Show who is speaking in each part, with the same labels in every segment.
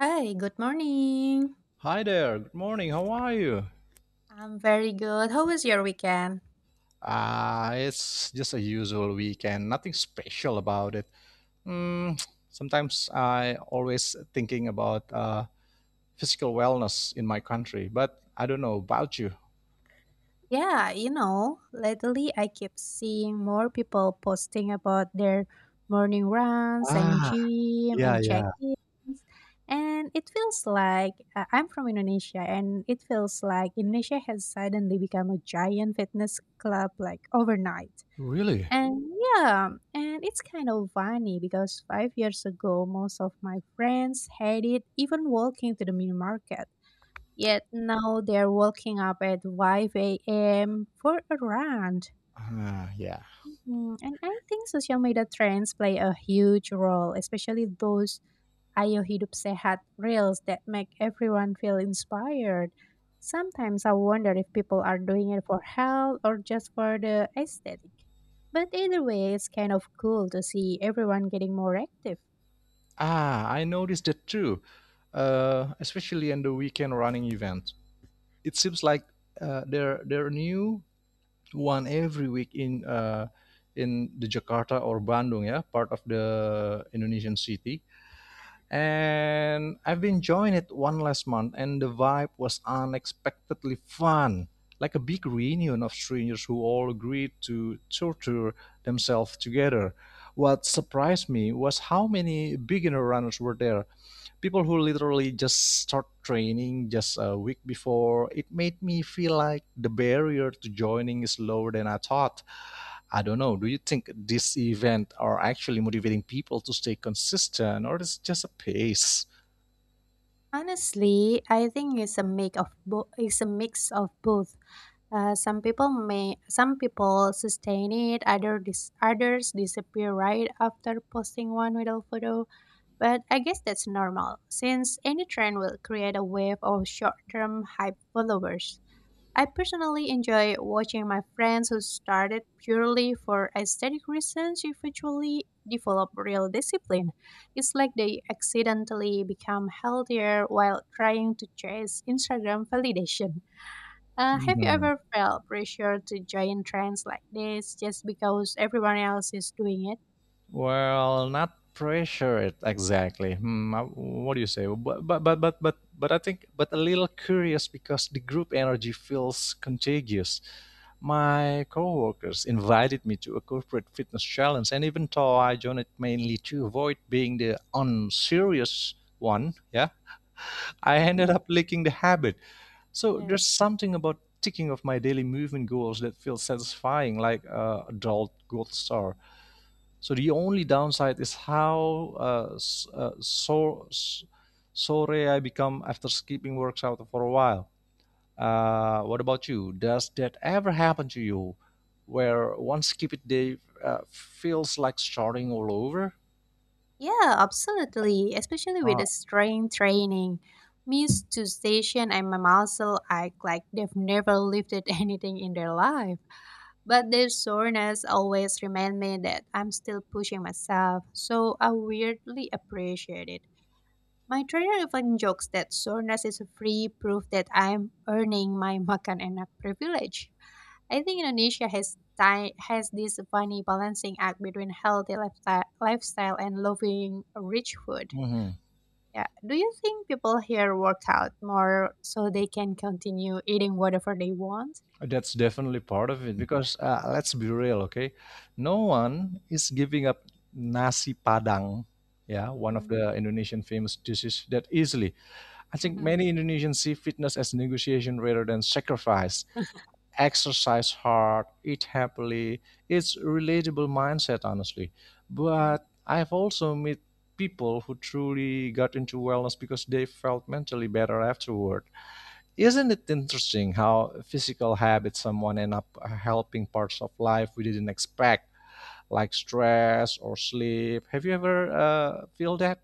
Speaker 1: Hi, good morning.
Speaker 2: Hi there. Good morning. How are you?
Speaker 1: I'm very good. How was your weekend?
Speaker 2: Ah, it's just a usual weekend. Nothing special about it. Mm, sometimes I always thinking about physical wellness in my country, but I don't know about you.
Speaker 1: Lately I keep seeing more people posting about their morning runs and
Speaker 2: Ah,
Speaker 1: gym
Speaker 2: yeah,
Speaker 1: and
Speaker 2: yeah.
Speaker 1: check-ins. And it feels like I'm from Indonesia and it feels like Indonesia has suddenly become a giant fitness club like overnight.
Speaker 2: Really?
Speaker 1: And yeah, and it's kind of funny because 5 years ago, most of my friends hated even walking to the mini market. Yet now they're waking up at 5 a.m. for a run.
Speaker 2: Ah, yeah.
Speaker 1: Mhm. And I think social media trends play a huge role, especially those Ayo hidup sehat reels that make everyone feel inspired. Sometimes I wonder if people are doing it for health or just for the aesthetic. But either way, it's kind of cool to see everyone getting more active.
Speaker 2: Ah, I noticed that too. Especially in the weekend running event. It seems like there are new one every week in the Jakarta or Bandung, yeah, part of the Indonesian city. And I've been enjoying it one last month, and the vibe was unexpectedly fun, like a big reunion of strangers who all agreed to torture themselves together. What surprised me was how many beginner runners were there, people who literally just start training just a week before it made me feel like the barrier to joining is lower than I thought. I don't know, do you think this event are actually motivating people to stay consistent, or is just a pace?
Speaker 1: Honestly, I think it's a mix of both. Some people sustain it, others disappear right after posting one little photo. But I guess that's normal, since any trend will create a wave of short-term hype followers. I personally enjoy watching my friends who started purely for aesthetic reasons eventually develop real discipline. It's like they accidentally become healthier while trying to chase Instagram validation. Have you
Speaker 2: Mm-hmm.
Speaker 1: ever felt pressure to join trends like this just because everyone else is doing it?
Speaker 2: Well, not pressured exactly. Hmm, what do you say? But I think but a little curious because the group energy feels contagious. My coworkers invited me to a corporate fitness challenge, and even though I joined it mainly to avoid being the unserious one, yeah, I ended
Speaker 1: Hmm.
Speaker 2: up licking the habit. So
Speaker 1: Yeah.
Speaker 2: there's something about ticking off my daily movement goals that feels satisfying, like a adult gold star. So the only downside is how uh, so sorry I become after skipping works for a while. What about you? Does that ever happen to you, where one skipped day feels like starting all over?
Speaker 1: Yeah, absolutely. Especially with
Speaker 2: Ah,
Speaker 1: the strength training. Me is to station and my muscle act like they've never lifted anything in their life. But their soreness always remind me that I'm still pushing myself, so I weirdly appreciate it. My trainer even jokes that soreness is a free proof that I'm earning my makan enak privilege. I think Indonesia has this funny balancing act between healthy lifestyle, lifestyle and loving rich food.
Speaker 2: mhm.
Speaker 1: Yeah. Do you think people here work out more so they can continue eating whatever they want?
Speaker 2: That's definitely part of it because let's be real, okay? No one is giving up nasi padang, yeah, one of
Speaker 1: Hmm.
Speaker 2: the Indonesian famous dishes that easily. I think
Speaker 1: Hmm.
Speaker 2: many Indonesians see fitness as negotiation rather than sacrifice. Exercise hard, eat happily. It's a relatable mindset, honestly.
Speaker 1: Hmm.
Speaker 2: But I've also met people who truly got into wellness because they felt mentally better afterward. Isn't it interesting how physical habits someone end up helping parts of life we didn't expect, like stress or sleep? Have you ever feel that?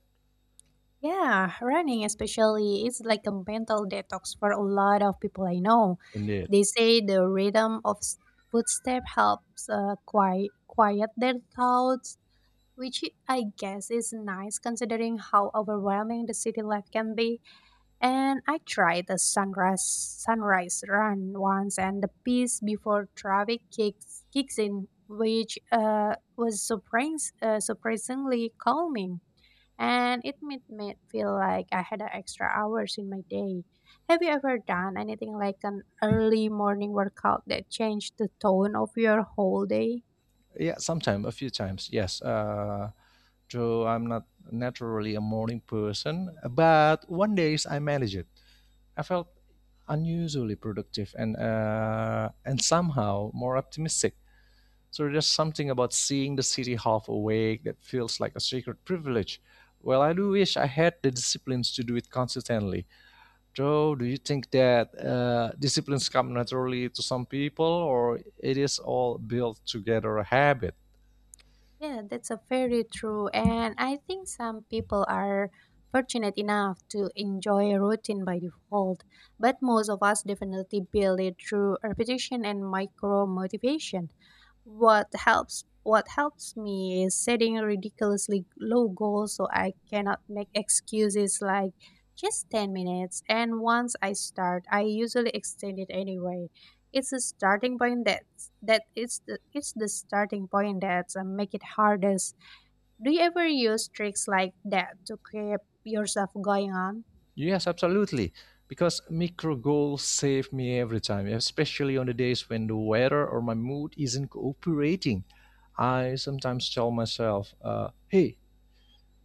Speaker 1: Yeah, running especially is like a mental detox for a lot of people I know.
Speaker 2: Indeed.
Speaker 1: They say the rhythm of footstep helps quiet their thoughts, which I guess is nice considering how overwhelming the city life can be. And I tried the sunrise run once, and the peace before traffic kicks in, which was surprisingly calming. And it made me feel like I had a extra hours in my day. Have you ever done anything like an early morning workout that changed the tone of your whole day?
Speaker 2: Yeah, sometime, a few times. Yes. So I'm not naturally a morning person. But one days I managed it. I felt unusually productive and somehow more optimistic. So there's something about seeing the city half awake that feels like a secret privilege. Well, I do wish I had the disciplines to do it consistently. Joe, do you think that disciplines come naturally to some people, or it is all built together a habit?
Speaker 1: Yeah, that's a very true. And I think some people are fortunate enough to enjoy a routine by default, but most of us definitely build it through repetition and micro motivation. What helps me is setting ridiculously low goals so I cannot make excuses, like just 10 minutes, and once I start I usually extend it anyway. It's a starting point that's that it's the starting point that's make it hardest. Do you ever use tricks like that to keep yourself going on?
Speaker 2: Yes, absolutely. Because micro goals save me every time, especially on the days when the weather or my mood isn't cooperating. I sometimes tell myself, hey,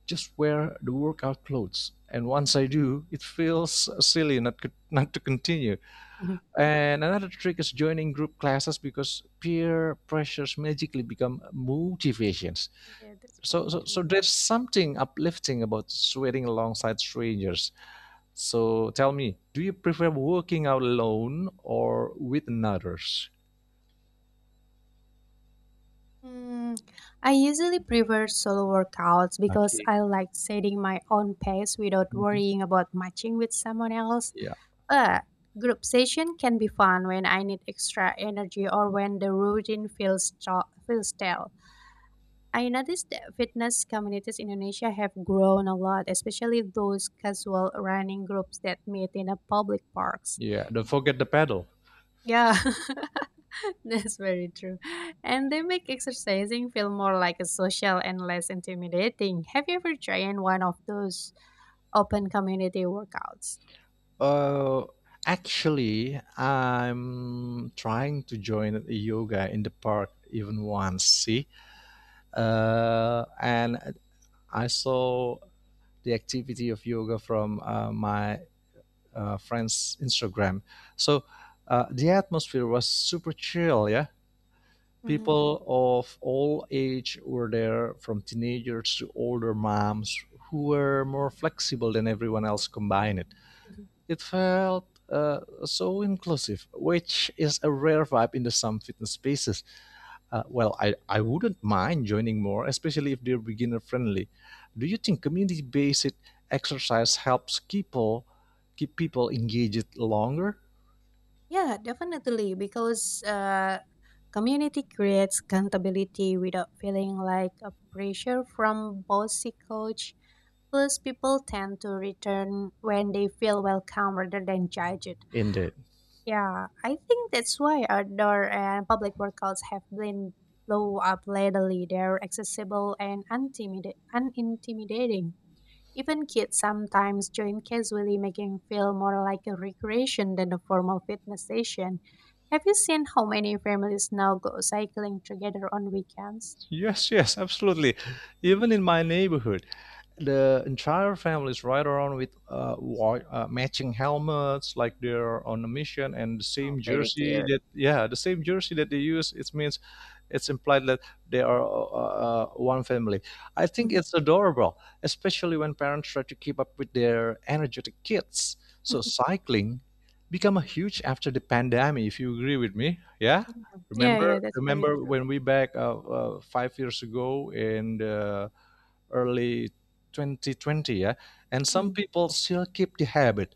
Speaker 2: just wear the workout clothes. And once I
Speaker 1: Mhm.
Speaker 2: do, it feels silly not to continue. And another trick is joining group classes because peer pressures magically become motivations.
Speaker 1: Yeah, that's
Speaker 2: So,
Speaker 1: very
Speaker 2: so, so
Speaker 1: true.
Speaker 2: there's something uplifting about sweating alongside strangers. So tell me, do you prefer working out alone or with others?
Speaker 1: Hmm, I usually prefer solo workouts because
Speaker 2: Okay.
Speaker 1: I like setting my own pace without
Speaker 2: Mhm.
Speaker 1: worrying about matching with someone else.
Speaker 2: Yeah,
Speaker 1: But group session can be fun when I need extra energy or when the routine feels stale. I noticed that fitness communities in Indonesia have grown a lot, especially those casual running groups that meet in a public parks.
Speaker 2: yeah. Don't forget the pedal.
Speaker 1: Yeah, that's very true. And they make exercising feel more like a social and less intimidating. Have you ever tried one of those open community workouts?
Speaker 2: Uh, actually, I'm trying to join a yoga in the park even once. See, and I saw the activity of yoga from my friend's Instagram. So the atmosphere was super chill. Yeah,
Speaker 1: Mhm,
Speaker 2: people of all age were there, from teenagers to older moms who were more flexible than everyone else combined.
Speaker 1: mhm.
Speaker 2: It felt so inclusive, which is a rare vibe in the some fitness spaces. Well, I wouldn't mind joining more, especially if they're beginner friendly. Do you think community based exercise helps people keep people engaged longer?
Speaker 1: Yeah, definitely, because community creates accountability without feeling like a pressure from bossy coach. Plus, people tend to return when they feel welcome rather than judged.
Speaker 2: Indeed.
Speaker 1: Yeah, I think that's why outdoor and public workouts have been blow up lately. They're accessible and unintimidating. Even kids sometimes join casually, making feel more like a recreation than a formal fitness session. Have you seen how many families now go cycling together on weekends?
Speaker 2: Yes, yes, absolutely.
Speaker 1: Mhm.
Speaker 2: Even in my neighborhood, the entire family is right around with matching helmets, like they're on a mission, and the
Speaker 1: Oh,
Speaker 2: same
Speaker 1: very
Speaker 2: jersey
Speaker 1: cute.
Speaker 2: that yeah, the same jersey that they use. It means it's implied that they are one family. I think
Speaker 1: Mhm.
Speaker 2: it's adorable, especially when parents try to keep up with their energetic kids. So cycling become a huge after the pandemic. If you agree with me, yeah.
Speaker 1: Mhm. Yeah, yeah,
Speaker 2: Remember,
Speaker 1: that's very
Speaker 2: remember
Speaker 1: true.
Speaker 2: when we back 5 years ago in the early 2020, yeah. And some
Speaker 1: Mm.
Speaker 2: people still keep the habit.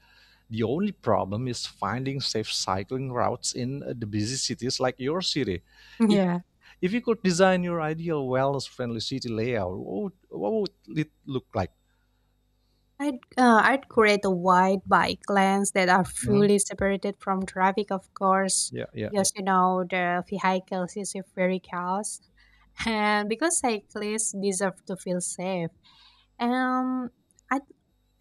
Speaker 2: The only problem is finding safe cycling routes in the busy cities like your city. If
Speaker 1: Yeah.
Speaker 2: if you could design your ideal wellness-friendly city layout, what would it look like?
Speaker 1: I'd create a wide bike lanes that are
Speaker 2: Mhm.
Speaker 1: fully separated from traffic, of course,
Speaker 2: Yeah, yeah, yeah.
Speaker 1: because you know the vehicles is very chaos, and because cyclists deserve to feel safe. Um, I'd,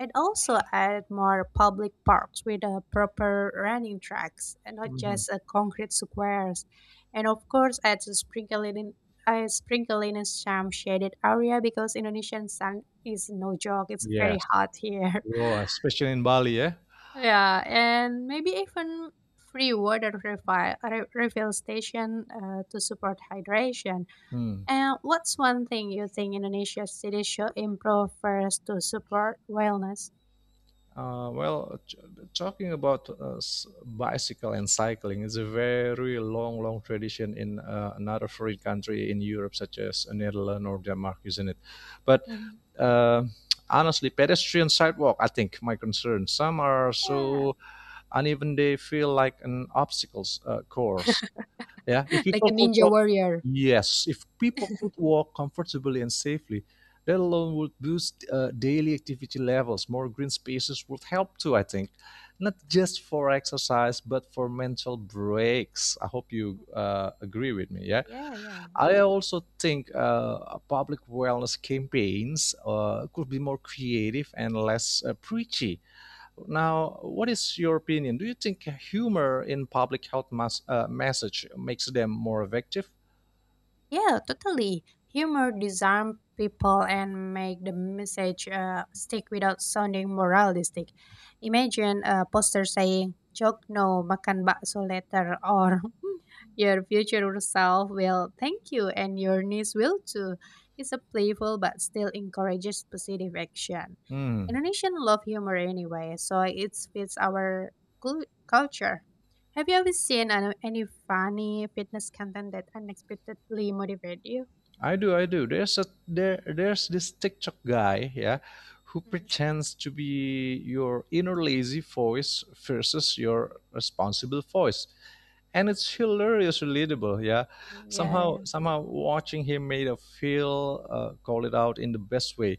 Speaker 1: I'd also add more public parks with proper running tracks and not
Speaker 2: Mhm.
Speaker 1: just concrete squares. And of course, I'd sprinkle it in. I sprinkle in some shaded area because Indonesian sun is no joke. It's very
Speaker 2: Yes.
Speaker 1: hot here.
Speaker 2: Oh, especially in Bali, yeah.
Speaker 1: Yeah, and maybe even free water refill, refill station to support hydration.
Speaker 2: Hmm.
Speaker 1: And what's one thing you think Indonesia cities should improve first to support wellness?
Speaker 2: Uh, well, t- talking about bicycle and cycling is a very long, long tradition in another foreign country in Europe, such as Netherlands or Denmark, isn't it? But
Speaker 1: Mhm.
Speaker 2: uh, honestly, pedestrian sidewalk, I think, my concern. Some are
Speaker 1: Yeah.
Speaker 2: so uneven they feel like an obstacles course. Yeah, if
Speaker 1: Like
Speaker 2: people
Speaker 1: a
Speaker 2: could
Speaker 1: ninja
Speaker 2: walk,
Speaker 1: warrior.
Speaker 2: yes, if people could walk comfortably and safely, that alone would boost daily activity levels. More green spaces would help too, I think, not just for exercise but for mental breaks. I hope you agree with me. Yeah,
Speaker 1: Yeah, yeah,
Speaker 2: I
Speaker 1: that's.
Speaker 2: also think public wellness campaigns could be more creative and less preachy. Now, what is your opinion? Do you think humor in public health message makes them more effective?
Speaker 1: Yeah, totally. Humor disarm people and make the message stick without sounding moralistic. Imagine a poster saying, joke no, makan bakso later, or your future self will thank you and your niece will too. It's a playful but still encourages positive action.
Speaker 2: Hmm,
Speaker 1: Indonesian love humor anyway, so it fits our culture. Have you ever seen any funny fitness content that unexpectedly motivated you?
Speaker 2: I do, I do. There's a there's this TikTok guy, yeah, who
Speaker 1: Mhm.
Speaker 2: pretends to be your inner lazy voice versus your responsible voice. And it's hilarious, relatable, yeah.
Speaker 1: Yeah,
Speaker 2: Somehow,
Speaker 1: yeah.
Speaker 2: somehow, watching him made a feel call it out in the best way.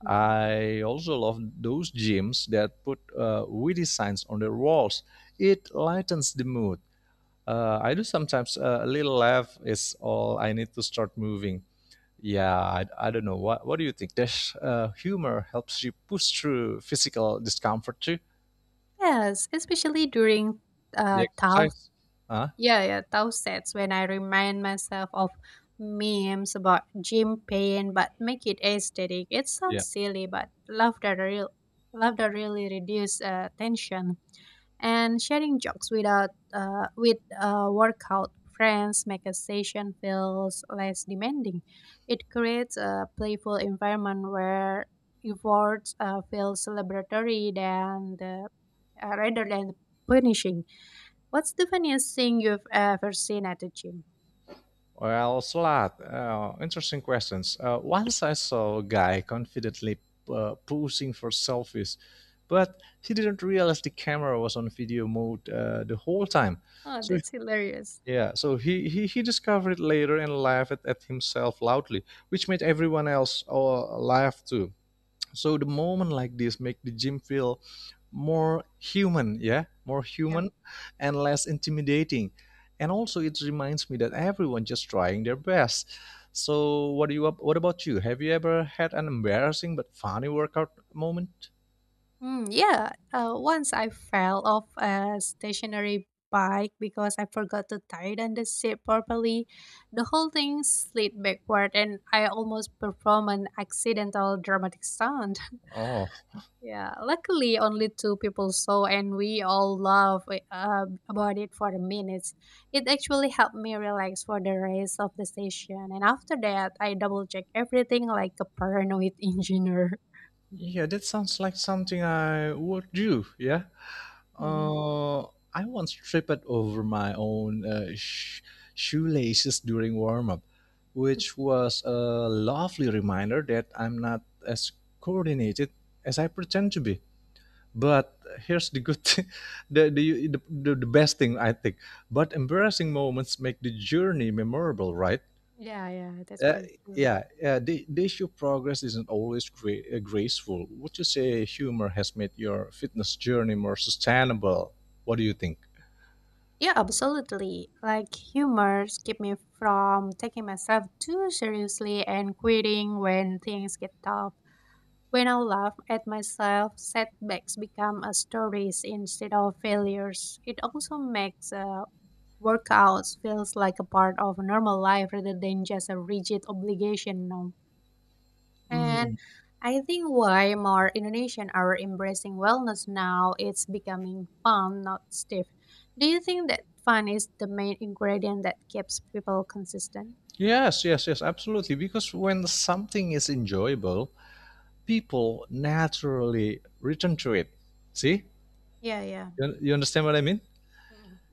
Speaker 1: Mhm.
Speaker 2: I also love those gyms that put witty signs on their walls. It lightens the mood. I do sometimes a little laugh is all I need to start moving. Yeah, I don't know. What do you think? This humor helps you push through physical discomfort too.
Speaker 1: Yes, especially during
Speaker 2: The
Speaker 1: Tao,
Speaker 2: exercise. Huh?
Speaker 1: yeah, yeah, Tao sets when I remind myself of memes about gym pain but make it aesthetic. It
Speaker 2: Yeah.
Speaker 1: sounds silly but laughter really reduce tension. And sharing jokes without with workout friends make a session feels less demanding. It creates a playful environment where efforts feel celebratory than the rather than punishing. What's the funniest thing you've ever seen at the gym?
Speaker 2: Well, Slat, interesting questions. Once I saw a guy confidently posing for selfies, but he didn't realize the camera was on video mode the whole time.
Speaker 1: Oh,
Speaker 2: So
Speaker 1: that's hilarious.
Speaker 2: yeah, so he discovered it later and laughed at himself loudly, which made everyone else laugh too. So the moment like this make the gym feel more human, yeah, more
Speaker 1: Yeah.
Speaker 2: human and less intimidating. And also it reminds me that everyone just trying their best. So what do you, what about you, have you ever had an embarrassing but funny workout moment?
Speaker 1: Mm, yeah, once I fell off a stationary bike because I forgot to tighten the seat properly. The whole thing slid backward, and I almost performed an accidental dramatic stunt.
Speaker 2: Oh,
Speaker 1: Yeah, luckily only two people saw, and we all laughed about it for a minute. It actually helped me relax for the rest of the session, and after that, I double check everything like a paranoid engineer.
Speaker 2: yeah, that sounds like something I would do, yeah.
Speaker 1: Mhm.
Speaker 2: Uh, I once tripped over my own shoelaces during warm up, which was a lovely reminder that I'm not as coordinated as I pretend to be. But here's the good thing, the, the best thing I think. But embarrassing moments make the journey memorable, right?
Speaker 1: Yeah, yeah, that's
Speaker 2: Uh,
Speaker 1: very true.
Speaker 2: yeah, the issue of progress isn't always graceful. Would you say humor has made your fitness journey more sustainable? What do you think?
Speaker 1: Yeah, absolutely. Like humors keep me from taking myself too seriously and quitting when things get tough. When I laugh at myself, setbacks become a stories instead of failures. It also makes workouts feels like a part of normal life rather than just a rigid obligation. And
Speaker 2: Mm,
Speaker 1: I think why more Indonesians are embracing wellness now, it's becoming fun, not stiff. Do you think that fun is the main ingredient that keeps people consistent?
Speaker 2: yes, yes, yes, absolutely. Because when something is enjoyable, people naturally return to it. See?
Speaker 1: Yeah, yeah.
Speaker 2: You understand what I mean?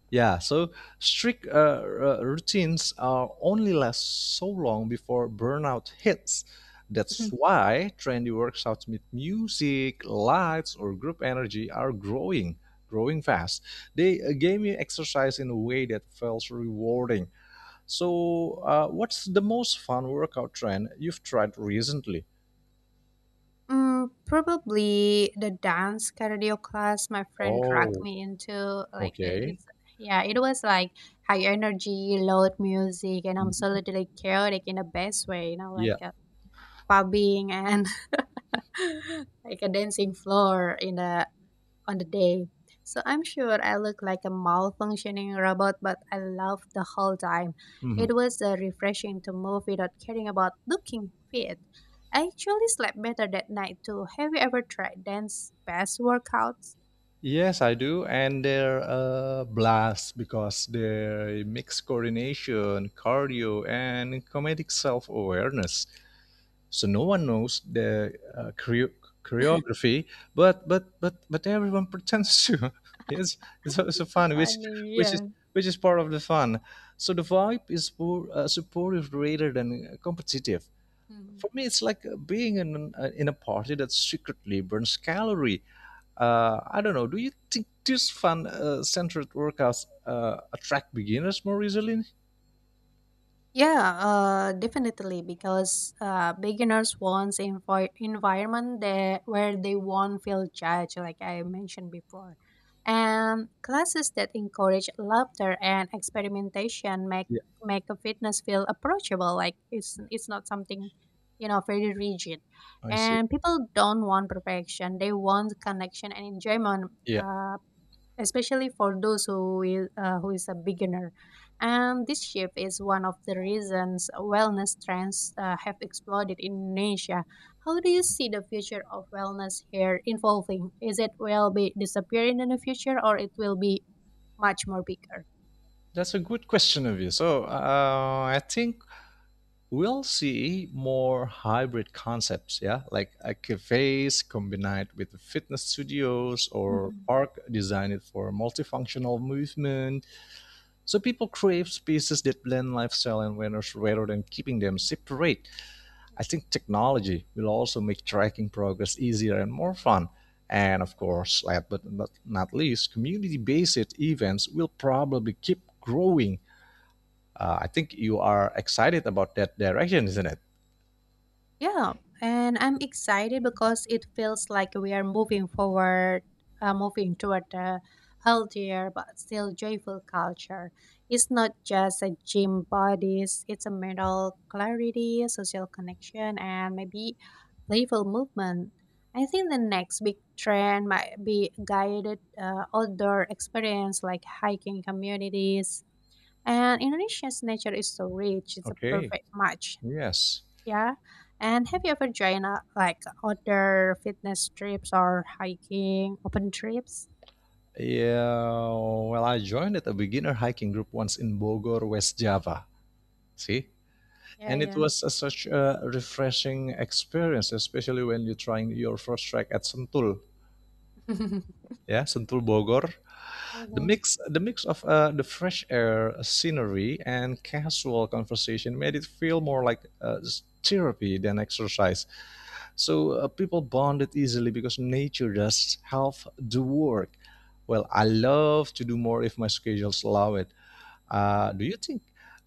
Speaker 2: Yeah, so strict routines are only last so long before burnout hits. That's
Speaker 1: Mm.
Speaker 2: why trendy workouts with music, lights, or group energy are growing, growing fast. They gamify exercise in a way that feels rewarding. So, what's the most fun workout trend you've tried recently?
Speaker 1: Mm, probably the dance cardio class my friend dragged
Speaker 2: Oh,
Speaker 1: me into. Like
Speaker 2: okay.
Speaker 1: it's, yeah, it was like high energy, loud music, and
Speaker 2: Mhm.
Speaker 1: absolutely chaotic in the best way. You know, like
Speaker 2: Yeah.
Speaker 1: pubbing and like a dancing floor in the on the day. So I'm sure I look like a malfunctioning robot, but I laughed the whole time. It
Speaker 2: Mhm.
Speaker 1: was refreshing to move without caring about looking fit. I actually slept better that night too. Have you ever tried dance past workouts?
Speaker 2: Yes, I do, and they're a blast because they mix coordination, cardio, and comedic self-awareness. So no one knows the choreography, but everyone pretends to. Yes, it's also
Speaker 1: That's so
Speaker 2: fun,
Speaker 1: funny.
Speaker 2: which is
Speaker 1: Yeah.
Speaker 2: which is part of the fun. So the vibe is more supportive rather than competitive.
Speaker 1: Mhm.
Speaker 2: For me, it's like in a party that secretly burns calorie. Uh, I don't know. Do you think these fun-centered workouts attract beginners more easily?
Speaker 1: Yeah, definitely, because beginners wants environment that where they won't feel judged, like I mentioned before, and classes that encourage laughter and experimentation make
Speaker 2: Yeah,
Speaker 1: make a fitness feel approachable. Like it's not something, you know, very rigid,
Speaker 2: I see.
Speaker 1: and people don't want perfection; they want connection and enjoyment.
Speaker 2: Yeah,
Speaker 1: Uh, Especially for those who is a beginner. And this shift is one of the reasons wellness trends have exploded in Indonesia. How do you see the future of wellness here evolving? Is it will be disappearing in the future or it will be much more bigger?
Speaker 2: that's a good question of you. So I think we'll see more hybrid concepts. Yeah, like a cafes combined with the fitness studios or
Speaker 1: Mhm.
Speaker 2: park designed for multifunctional movement. So people crave spaces that blend lifestyle and wellness rather than keeping them separate. I think technology will also make tracking progress easier and more fun. And of course, last but not least, community based events will probably keep growing. I think you are excited about that direction, isn't it?
Speaker 1: Yeah, and I'm excited because it feels like we are moving forward, moving toward a healthier but still joyful culture. It's not just a gym bodies, it's a mental clarity, social connection, and maybe playful movement. I think the next big trend might be guided outdoor experience like hiking communities. And Indonesia's nature is so rich, it's a
Speaker 2: Okay,
Speaker 1: perfect match.
Speaker 2: yes.
Speaker 1: Yeah. And have you ever joined like other fitness trips or hiking open trips?
Speaker 2: Yeah, well, I joined a beginner hiking group once in Bogor, West Java. See?
Speaker 1: Mhm. Yeah,
Speaker 2: And it
Speaker 1: yeah.
Speaker 2: was a, such a refreshing experience, especially when you're trying your first trek at Sentul. Yeah, Sentul Bogor.
Speaker 1: Mhm.
Speaker 2: The mix of the fresh air, scenery, and casual conversation made it feel more like therapy than exercise. People bonded easily because nature does half the work. Well, I love to do more if my schedules allow it.
Speaker 1: Mhm.
Speaker 2: Do you think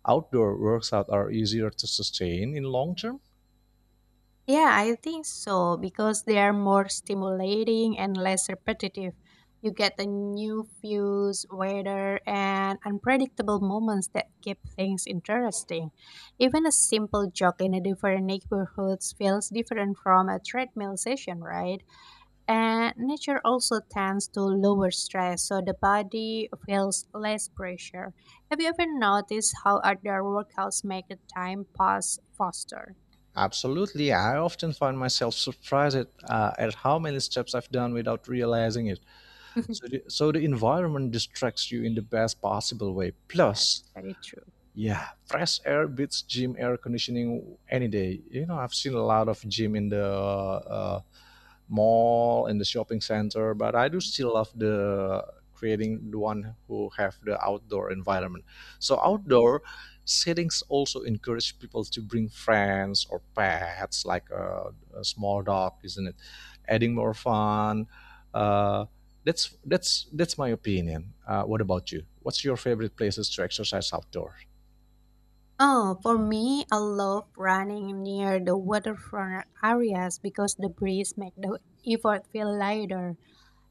Speaker 2: outdoor workouts are easier to sustain in long term?
Speaker 1: Yeah, I think so because they are more stimulating and less repetitive. You get the new views, weather, and unpredictable moments that keep things interesting. Even a simple jog in a different neighborhood feels different from a treadmill session, right? And nature also tends to lower stress, so the body feels less pressure. Have you ever noticed how outdoor workouts make the time pass faster?
Speaker 2: Absolutely. I often find myself surprised at how many steps I've done without realizing it. So the, so the environment distracts you in the best possible way.
Speaker 1: Yeah,
Speaker 2: Plus,
Speaker 1: that's very true.
Speaker 2: yeah, fresh air beats gym air conditioning any day. You know, I've seen a lot of gym in the mall and the shopping center, but I do still love the creating the one who have the outdoor environment, so
Speaker 1: Mm.
Speaker 2: outdoor settings also encourage people to bring friends or pets, like a small dog, isn't it, adding more fun, uh, that's my opinion. What about you, what's your favorite places to exercise outdoor?
Speaker 1: Oh, for me, I love running near the waterfront areas because the breeze makes the effort feel lighter.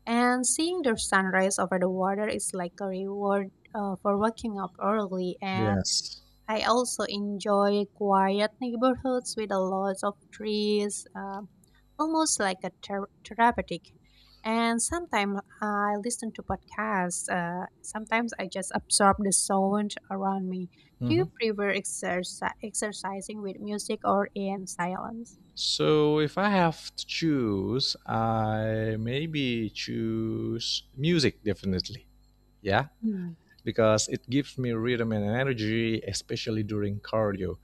Speaker 1: And seeing the sunrise over the water is like a reward, for waking up early. And
Speaker 2: Yes.
Speaker 1: I also enjoy quiet neighborhoods with a lot of trees, almost like a therapeutic. And sometimes I listen to podcasts. Sometimes I just absorb the sound around me. Do you prefer exercising with music or in silence?
Speaker 2: So if I have to choose, I maybe choose music definitely. Yeah, because it gives me rhythm and energy, especially during cardio.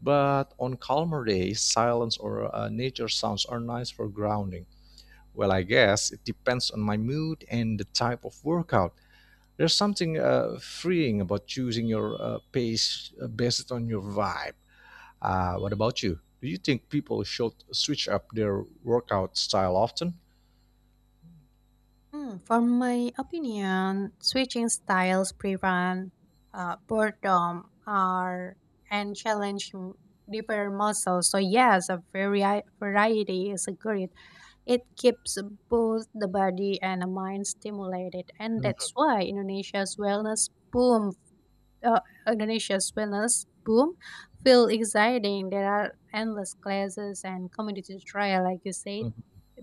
Speaker 2: But on calmer days, silence or nature sounds are nice for grounding. Well, I guess it depends on my mood and the type of workout. There's something freeing about choosing your pace based on your vibe. What about you? Do you think people should switch up their workout style often?
Speaker 1: Mm, from my opinion, switching styles prevent boredom or and challenge different muscles. So yes, a variety is a good. It keeps both the body and the mind stimulated, and that's
Speaker 2: Mhm.
Speaker 1: why uh, Indonesia's wellness boom feel exciting. There are endless classes and community trial, like you said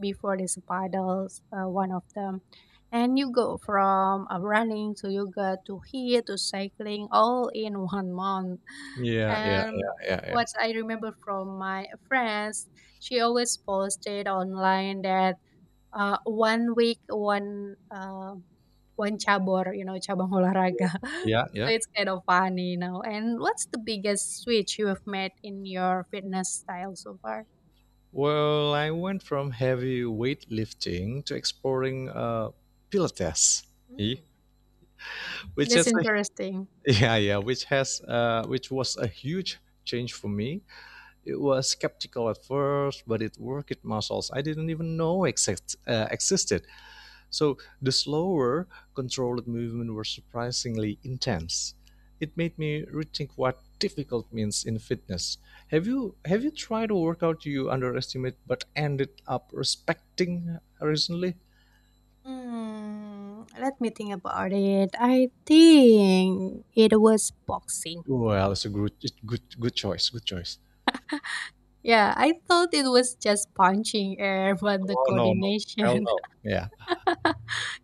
Speaker 1: before. This paddles, one of them, and you go from running to yoga to here to cycling all in 1 month.
Speaker 2: Yeah, yeah,
Speaker 1: And
Speaker 2: yeah, yeah, yeah.
Speaker 1: what I remember from my friends, she always posted online that Eee, 1 week, one, one cabor, you know, cabang olahraga.
Speaker 2: Yeah, yeah.
Speaker 1: So it's kind of funny, you know. And what's the biggest switch you have made in your fitness style so far?
Speaker 2: Well, I went from heavy weightlifting to exploring Pilates, eh,
Speaker 1: Mm.
Speaker 2: which
Speaker 1: That's
Speaker 2: is a
Speaker 1: interesting.
Speaker 2: Which was a huge change for me. It was skeptical at first, but it worked muscles I didn't even know existed. So the slower, controlled movement were surprisingly intense. It made me rethink what difficult means in fitness. Have you tried a workout you underestimate but ended up respecting recently?
Speaker 1: Mm, let me think about it. I think it was boxing.
Speaker 2: Well, it's a good choice. Good choice.
Speaker 1: Yeah, I thought it was just punching air, but the
Speaker 2: No, no, no. Hell
Speaker 1: coordination…
Speaker 2: no. Yeah.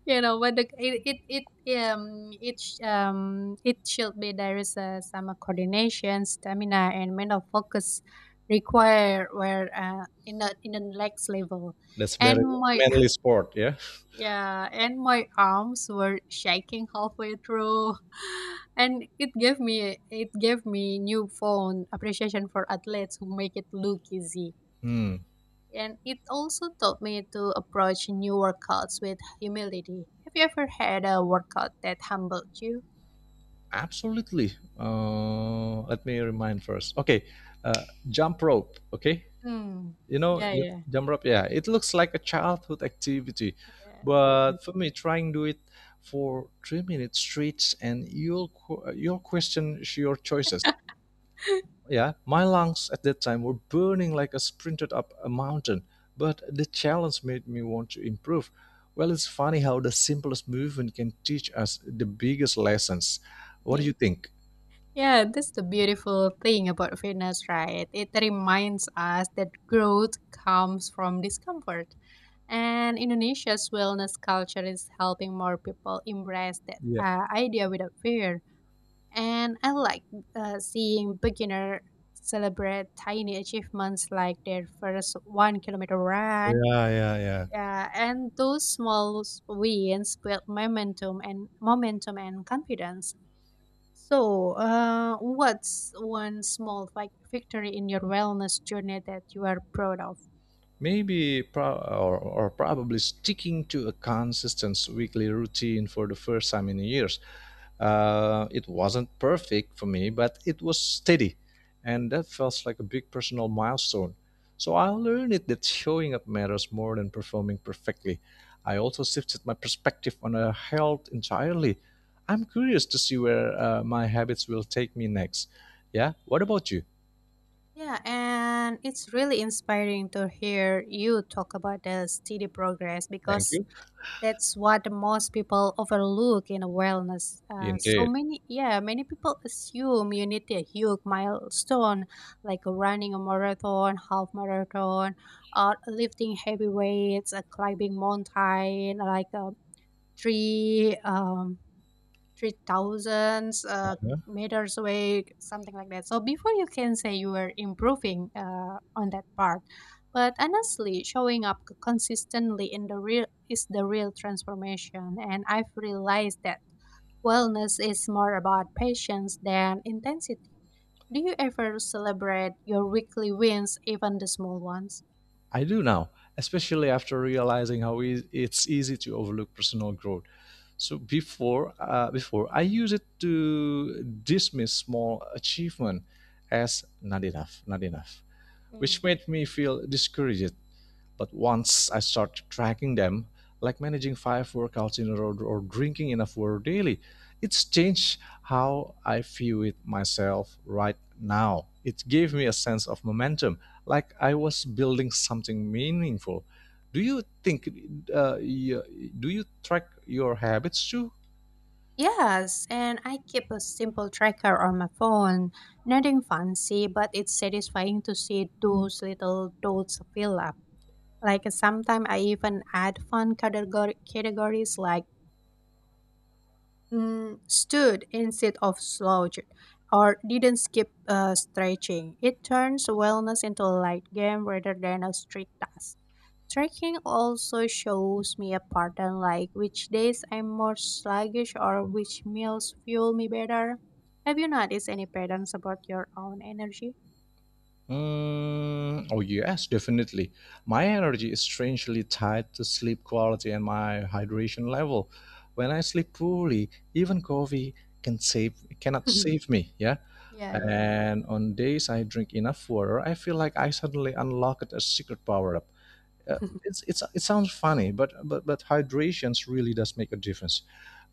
Speaker 1: You know, but the, it it sh- it should be there is some coordination, stamina and mental focus required where, in the next level.
Speaker 2: That's very
Speaker 1: And my…
Speaker 2: manly sport, yeah.
Speaker 1: Yeah, and my arms were shaking halfway through. And it gave me newfound appreciation for athletes who make it look easy,
Speaker 2: Hmm,
Speaker 1: and it also taught me to approach new workouts with humility. Have you ever had a workout that humbled you?
Speaker 2: absolutely. Let me remind first. Okay, uh, jump rope. Okay,
Speaker 1: Hmm.
Speaker 2: you know
Speaker 1: Yeah, yeah.
Speaker 2: jump rope. Yeah, it looks like a childhood activity,
Speaker 1: Yeah,
Speaker 2: but for
Speaker 1: definitely.
Speaker 2: me, trying do it for 3 minutes straight, and you'll question your choices. Yeah, my lungs at that time were burning like a sprinted up a mountain, but the challenge made me want to improve. Well, it's funny how the simplest movement can teach us the biggest lessons. What do you think?
Speaker 1: Yeah, that's the beautiful thing about fitness, right? It reminds us that growth comes from discomfort. And Indonesia's wellness culture is helping more people embrace that
Speaker 2: Yeah,
Speaker 1: idea without fear. And I like seeing beginner celebrate tiny achievements like their first 1 kilometer run.
Speaker 2: yeah, yeah, yeah.
Speaker 1: Yeah, and those small wins build momentum and confidence. So, what's one small victory in your wellness journey that you are proud of?
Speaker 2: Maybe pro- or probably sticking to a consistent weekly routine for the first time in years. It wasn't perfect for me, but it was steady, and that felt like a big personal milestone. So I learned it that showing up matters more than performing perfectly. I also shifted my perspective on health entirely. I'm curious to see where my habits will take me next. Yeah, what about you?
Speaker 1: Yeah, and it's really inspiring to hear you talk about the steady progress,
Speaker 2: Thank
Speaker 1: because
Speaker 2: you.
Speaker 1: that's what most people overlook in wellness. So
Speaker 2: Indeed.
Speaker 1: many, yeah, many people assume you need a huge milestone, like running a marathon, half marathon, or lifting heavy weights, climbing mountain, like a three 3,000 meters away, something like that. So before you can say you were improving on that part. But honestly, showing up consistently in the real is the real transformation. And I've realized that wellness is more about patience than intensity. Do you ever celebrate your weekly wins, even the small ones?
Speaker 2: I do now, especially after realizing how it's easy to overlook personal growth. So before, before I use it to dismiss small achievement as not enough,
Speaker 1: Mm.
Speaker 2: which made me feel discouraged. But once I start tracking them, like managing 5 workouts in a row or drinking enough water daily, it's changed how I view it myself right now. It gave me a sense of momentum, like I was building something meaningful. Do you think, uh, y- do you track your habits too?
Speaker 1: Yes, and I keep a simple tracker on my phone. Nothing fancy, but it's satisfying to see those little dots fill up. Like sometimes I even add fun categories like mm, stood instead of slouched or didn't skip stretching. It turns wellness into a light game rather than a strict task. Tracking also shows me a pattern like which days I'm more sluggish or which meals fuel me better. Have you noticed any patterns about your own energy?
Speaker 2: Mm, oh, yes, definitely. My energy is strangely tied to sleep quality and my hydration level. When I sleep poorly, even coffee can save cannot save me, yeah.
Speaker 1: Yeah,
Speaker 2: And on days I drink enough water, I feel like I suddenly unlocked a secret power up.
Speaker 1: yeah.
Speaker 2: It sounds funny, but hydration really does make a difference.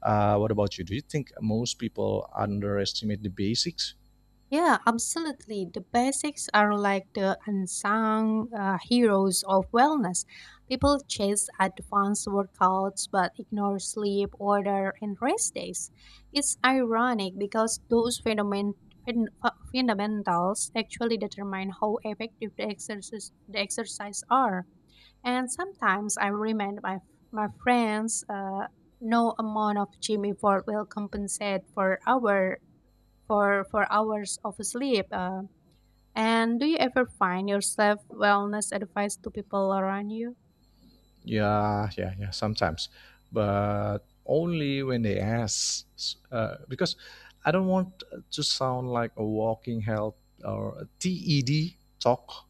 Speaker 2: What about you? Do you think most people underestimate the basics?
Speaker 1: Yeah, absolutely. The basics are like the unsung heroes of wellness. People chase advanced workouts but ignore sleep, order, and rest days. It's ironic because those fundamentals actually determine how effective the exercise are. And sometimes I remind my friends no amount of gym effort will compensate for our for hours of sleep. And do you ever find yourself wellness advice to people around you?
Speaker 2: Yeah, yeah, yeah, sometimes. But only when they ask. Because I don't want to sound like a walking health or a TED talk.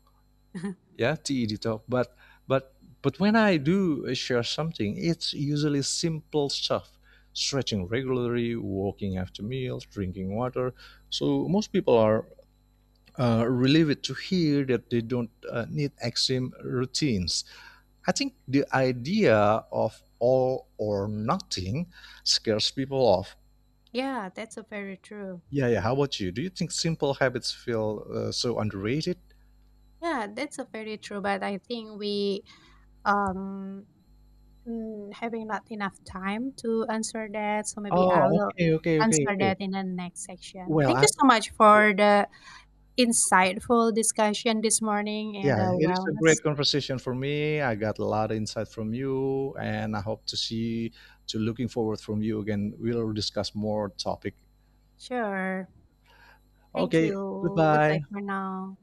Speaker 2: Yeah, TED talk. But but when I do share something, it's usually simple stuff. Stretching regularly, walking after meals, drinking water. So most people are relieved to hear that they don't need extreme routines. I think the idea of all or nothing scares people off.
Speaker 1: Yeah, that's a very true.
Speaker 2: Yeah, yeah. How about you? Do you think simple habits feel so underrated?
Speaker 1: Yeah, that's a very true. But I think we um mm, having not enough time to answer that. So maybe I
Speaker 2: Oh,
Speaker 1: will
Speaker 2: okay, okay, okay,
Speaker 1: answer
Speaker 2: okay.
Speaker 1: that in the next section.
Speaker 2: Well,
Speaker 1: Thank
Speaker 2: I,
Speaker 1: you so much for the insightful discussion this morning and
Speaker 2: yeah,
Speaker 1: a
Speaker 2: it is a
Speaker 1: wellness.
Speaker 2: great conversation for me. I got a lot of insight from you, and I hope to see, to looking forward from you again. We'll discuss more topic.
Speaker 1: Sure. Thank
Speaker 2: Okay,
Speaker 1: you. Goodbye
Speaker 2: goodbye.
Speaker 1: for now.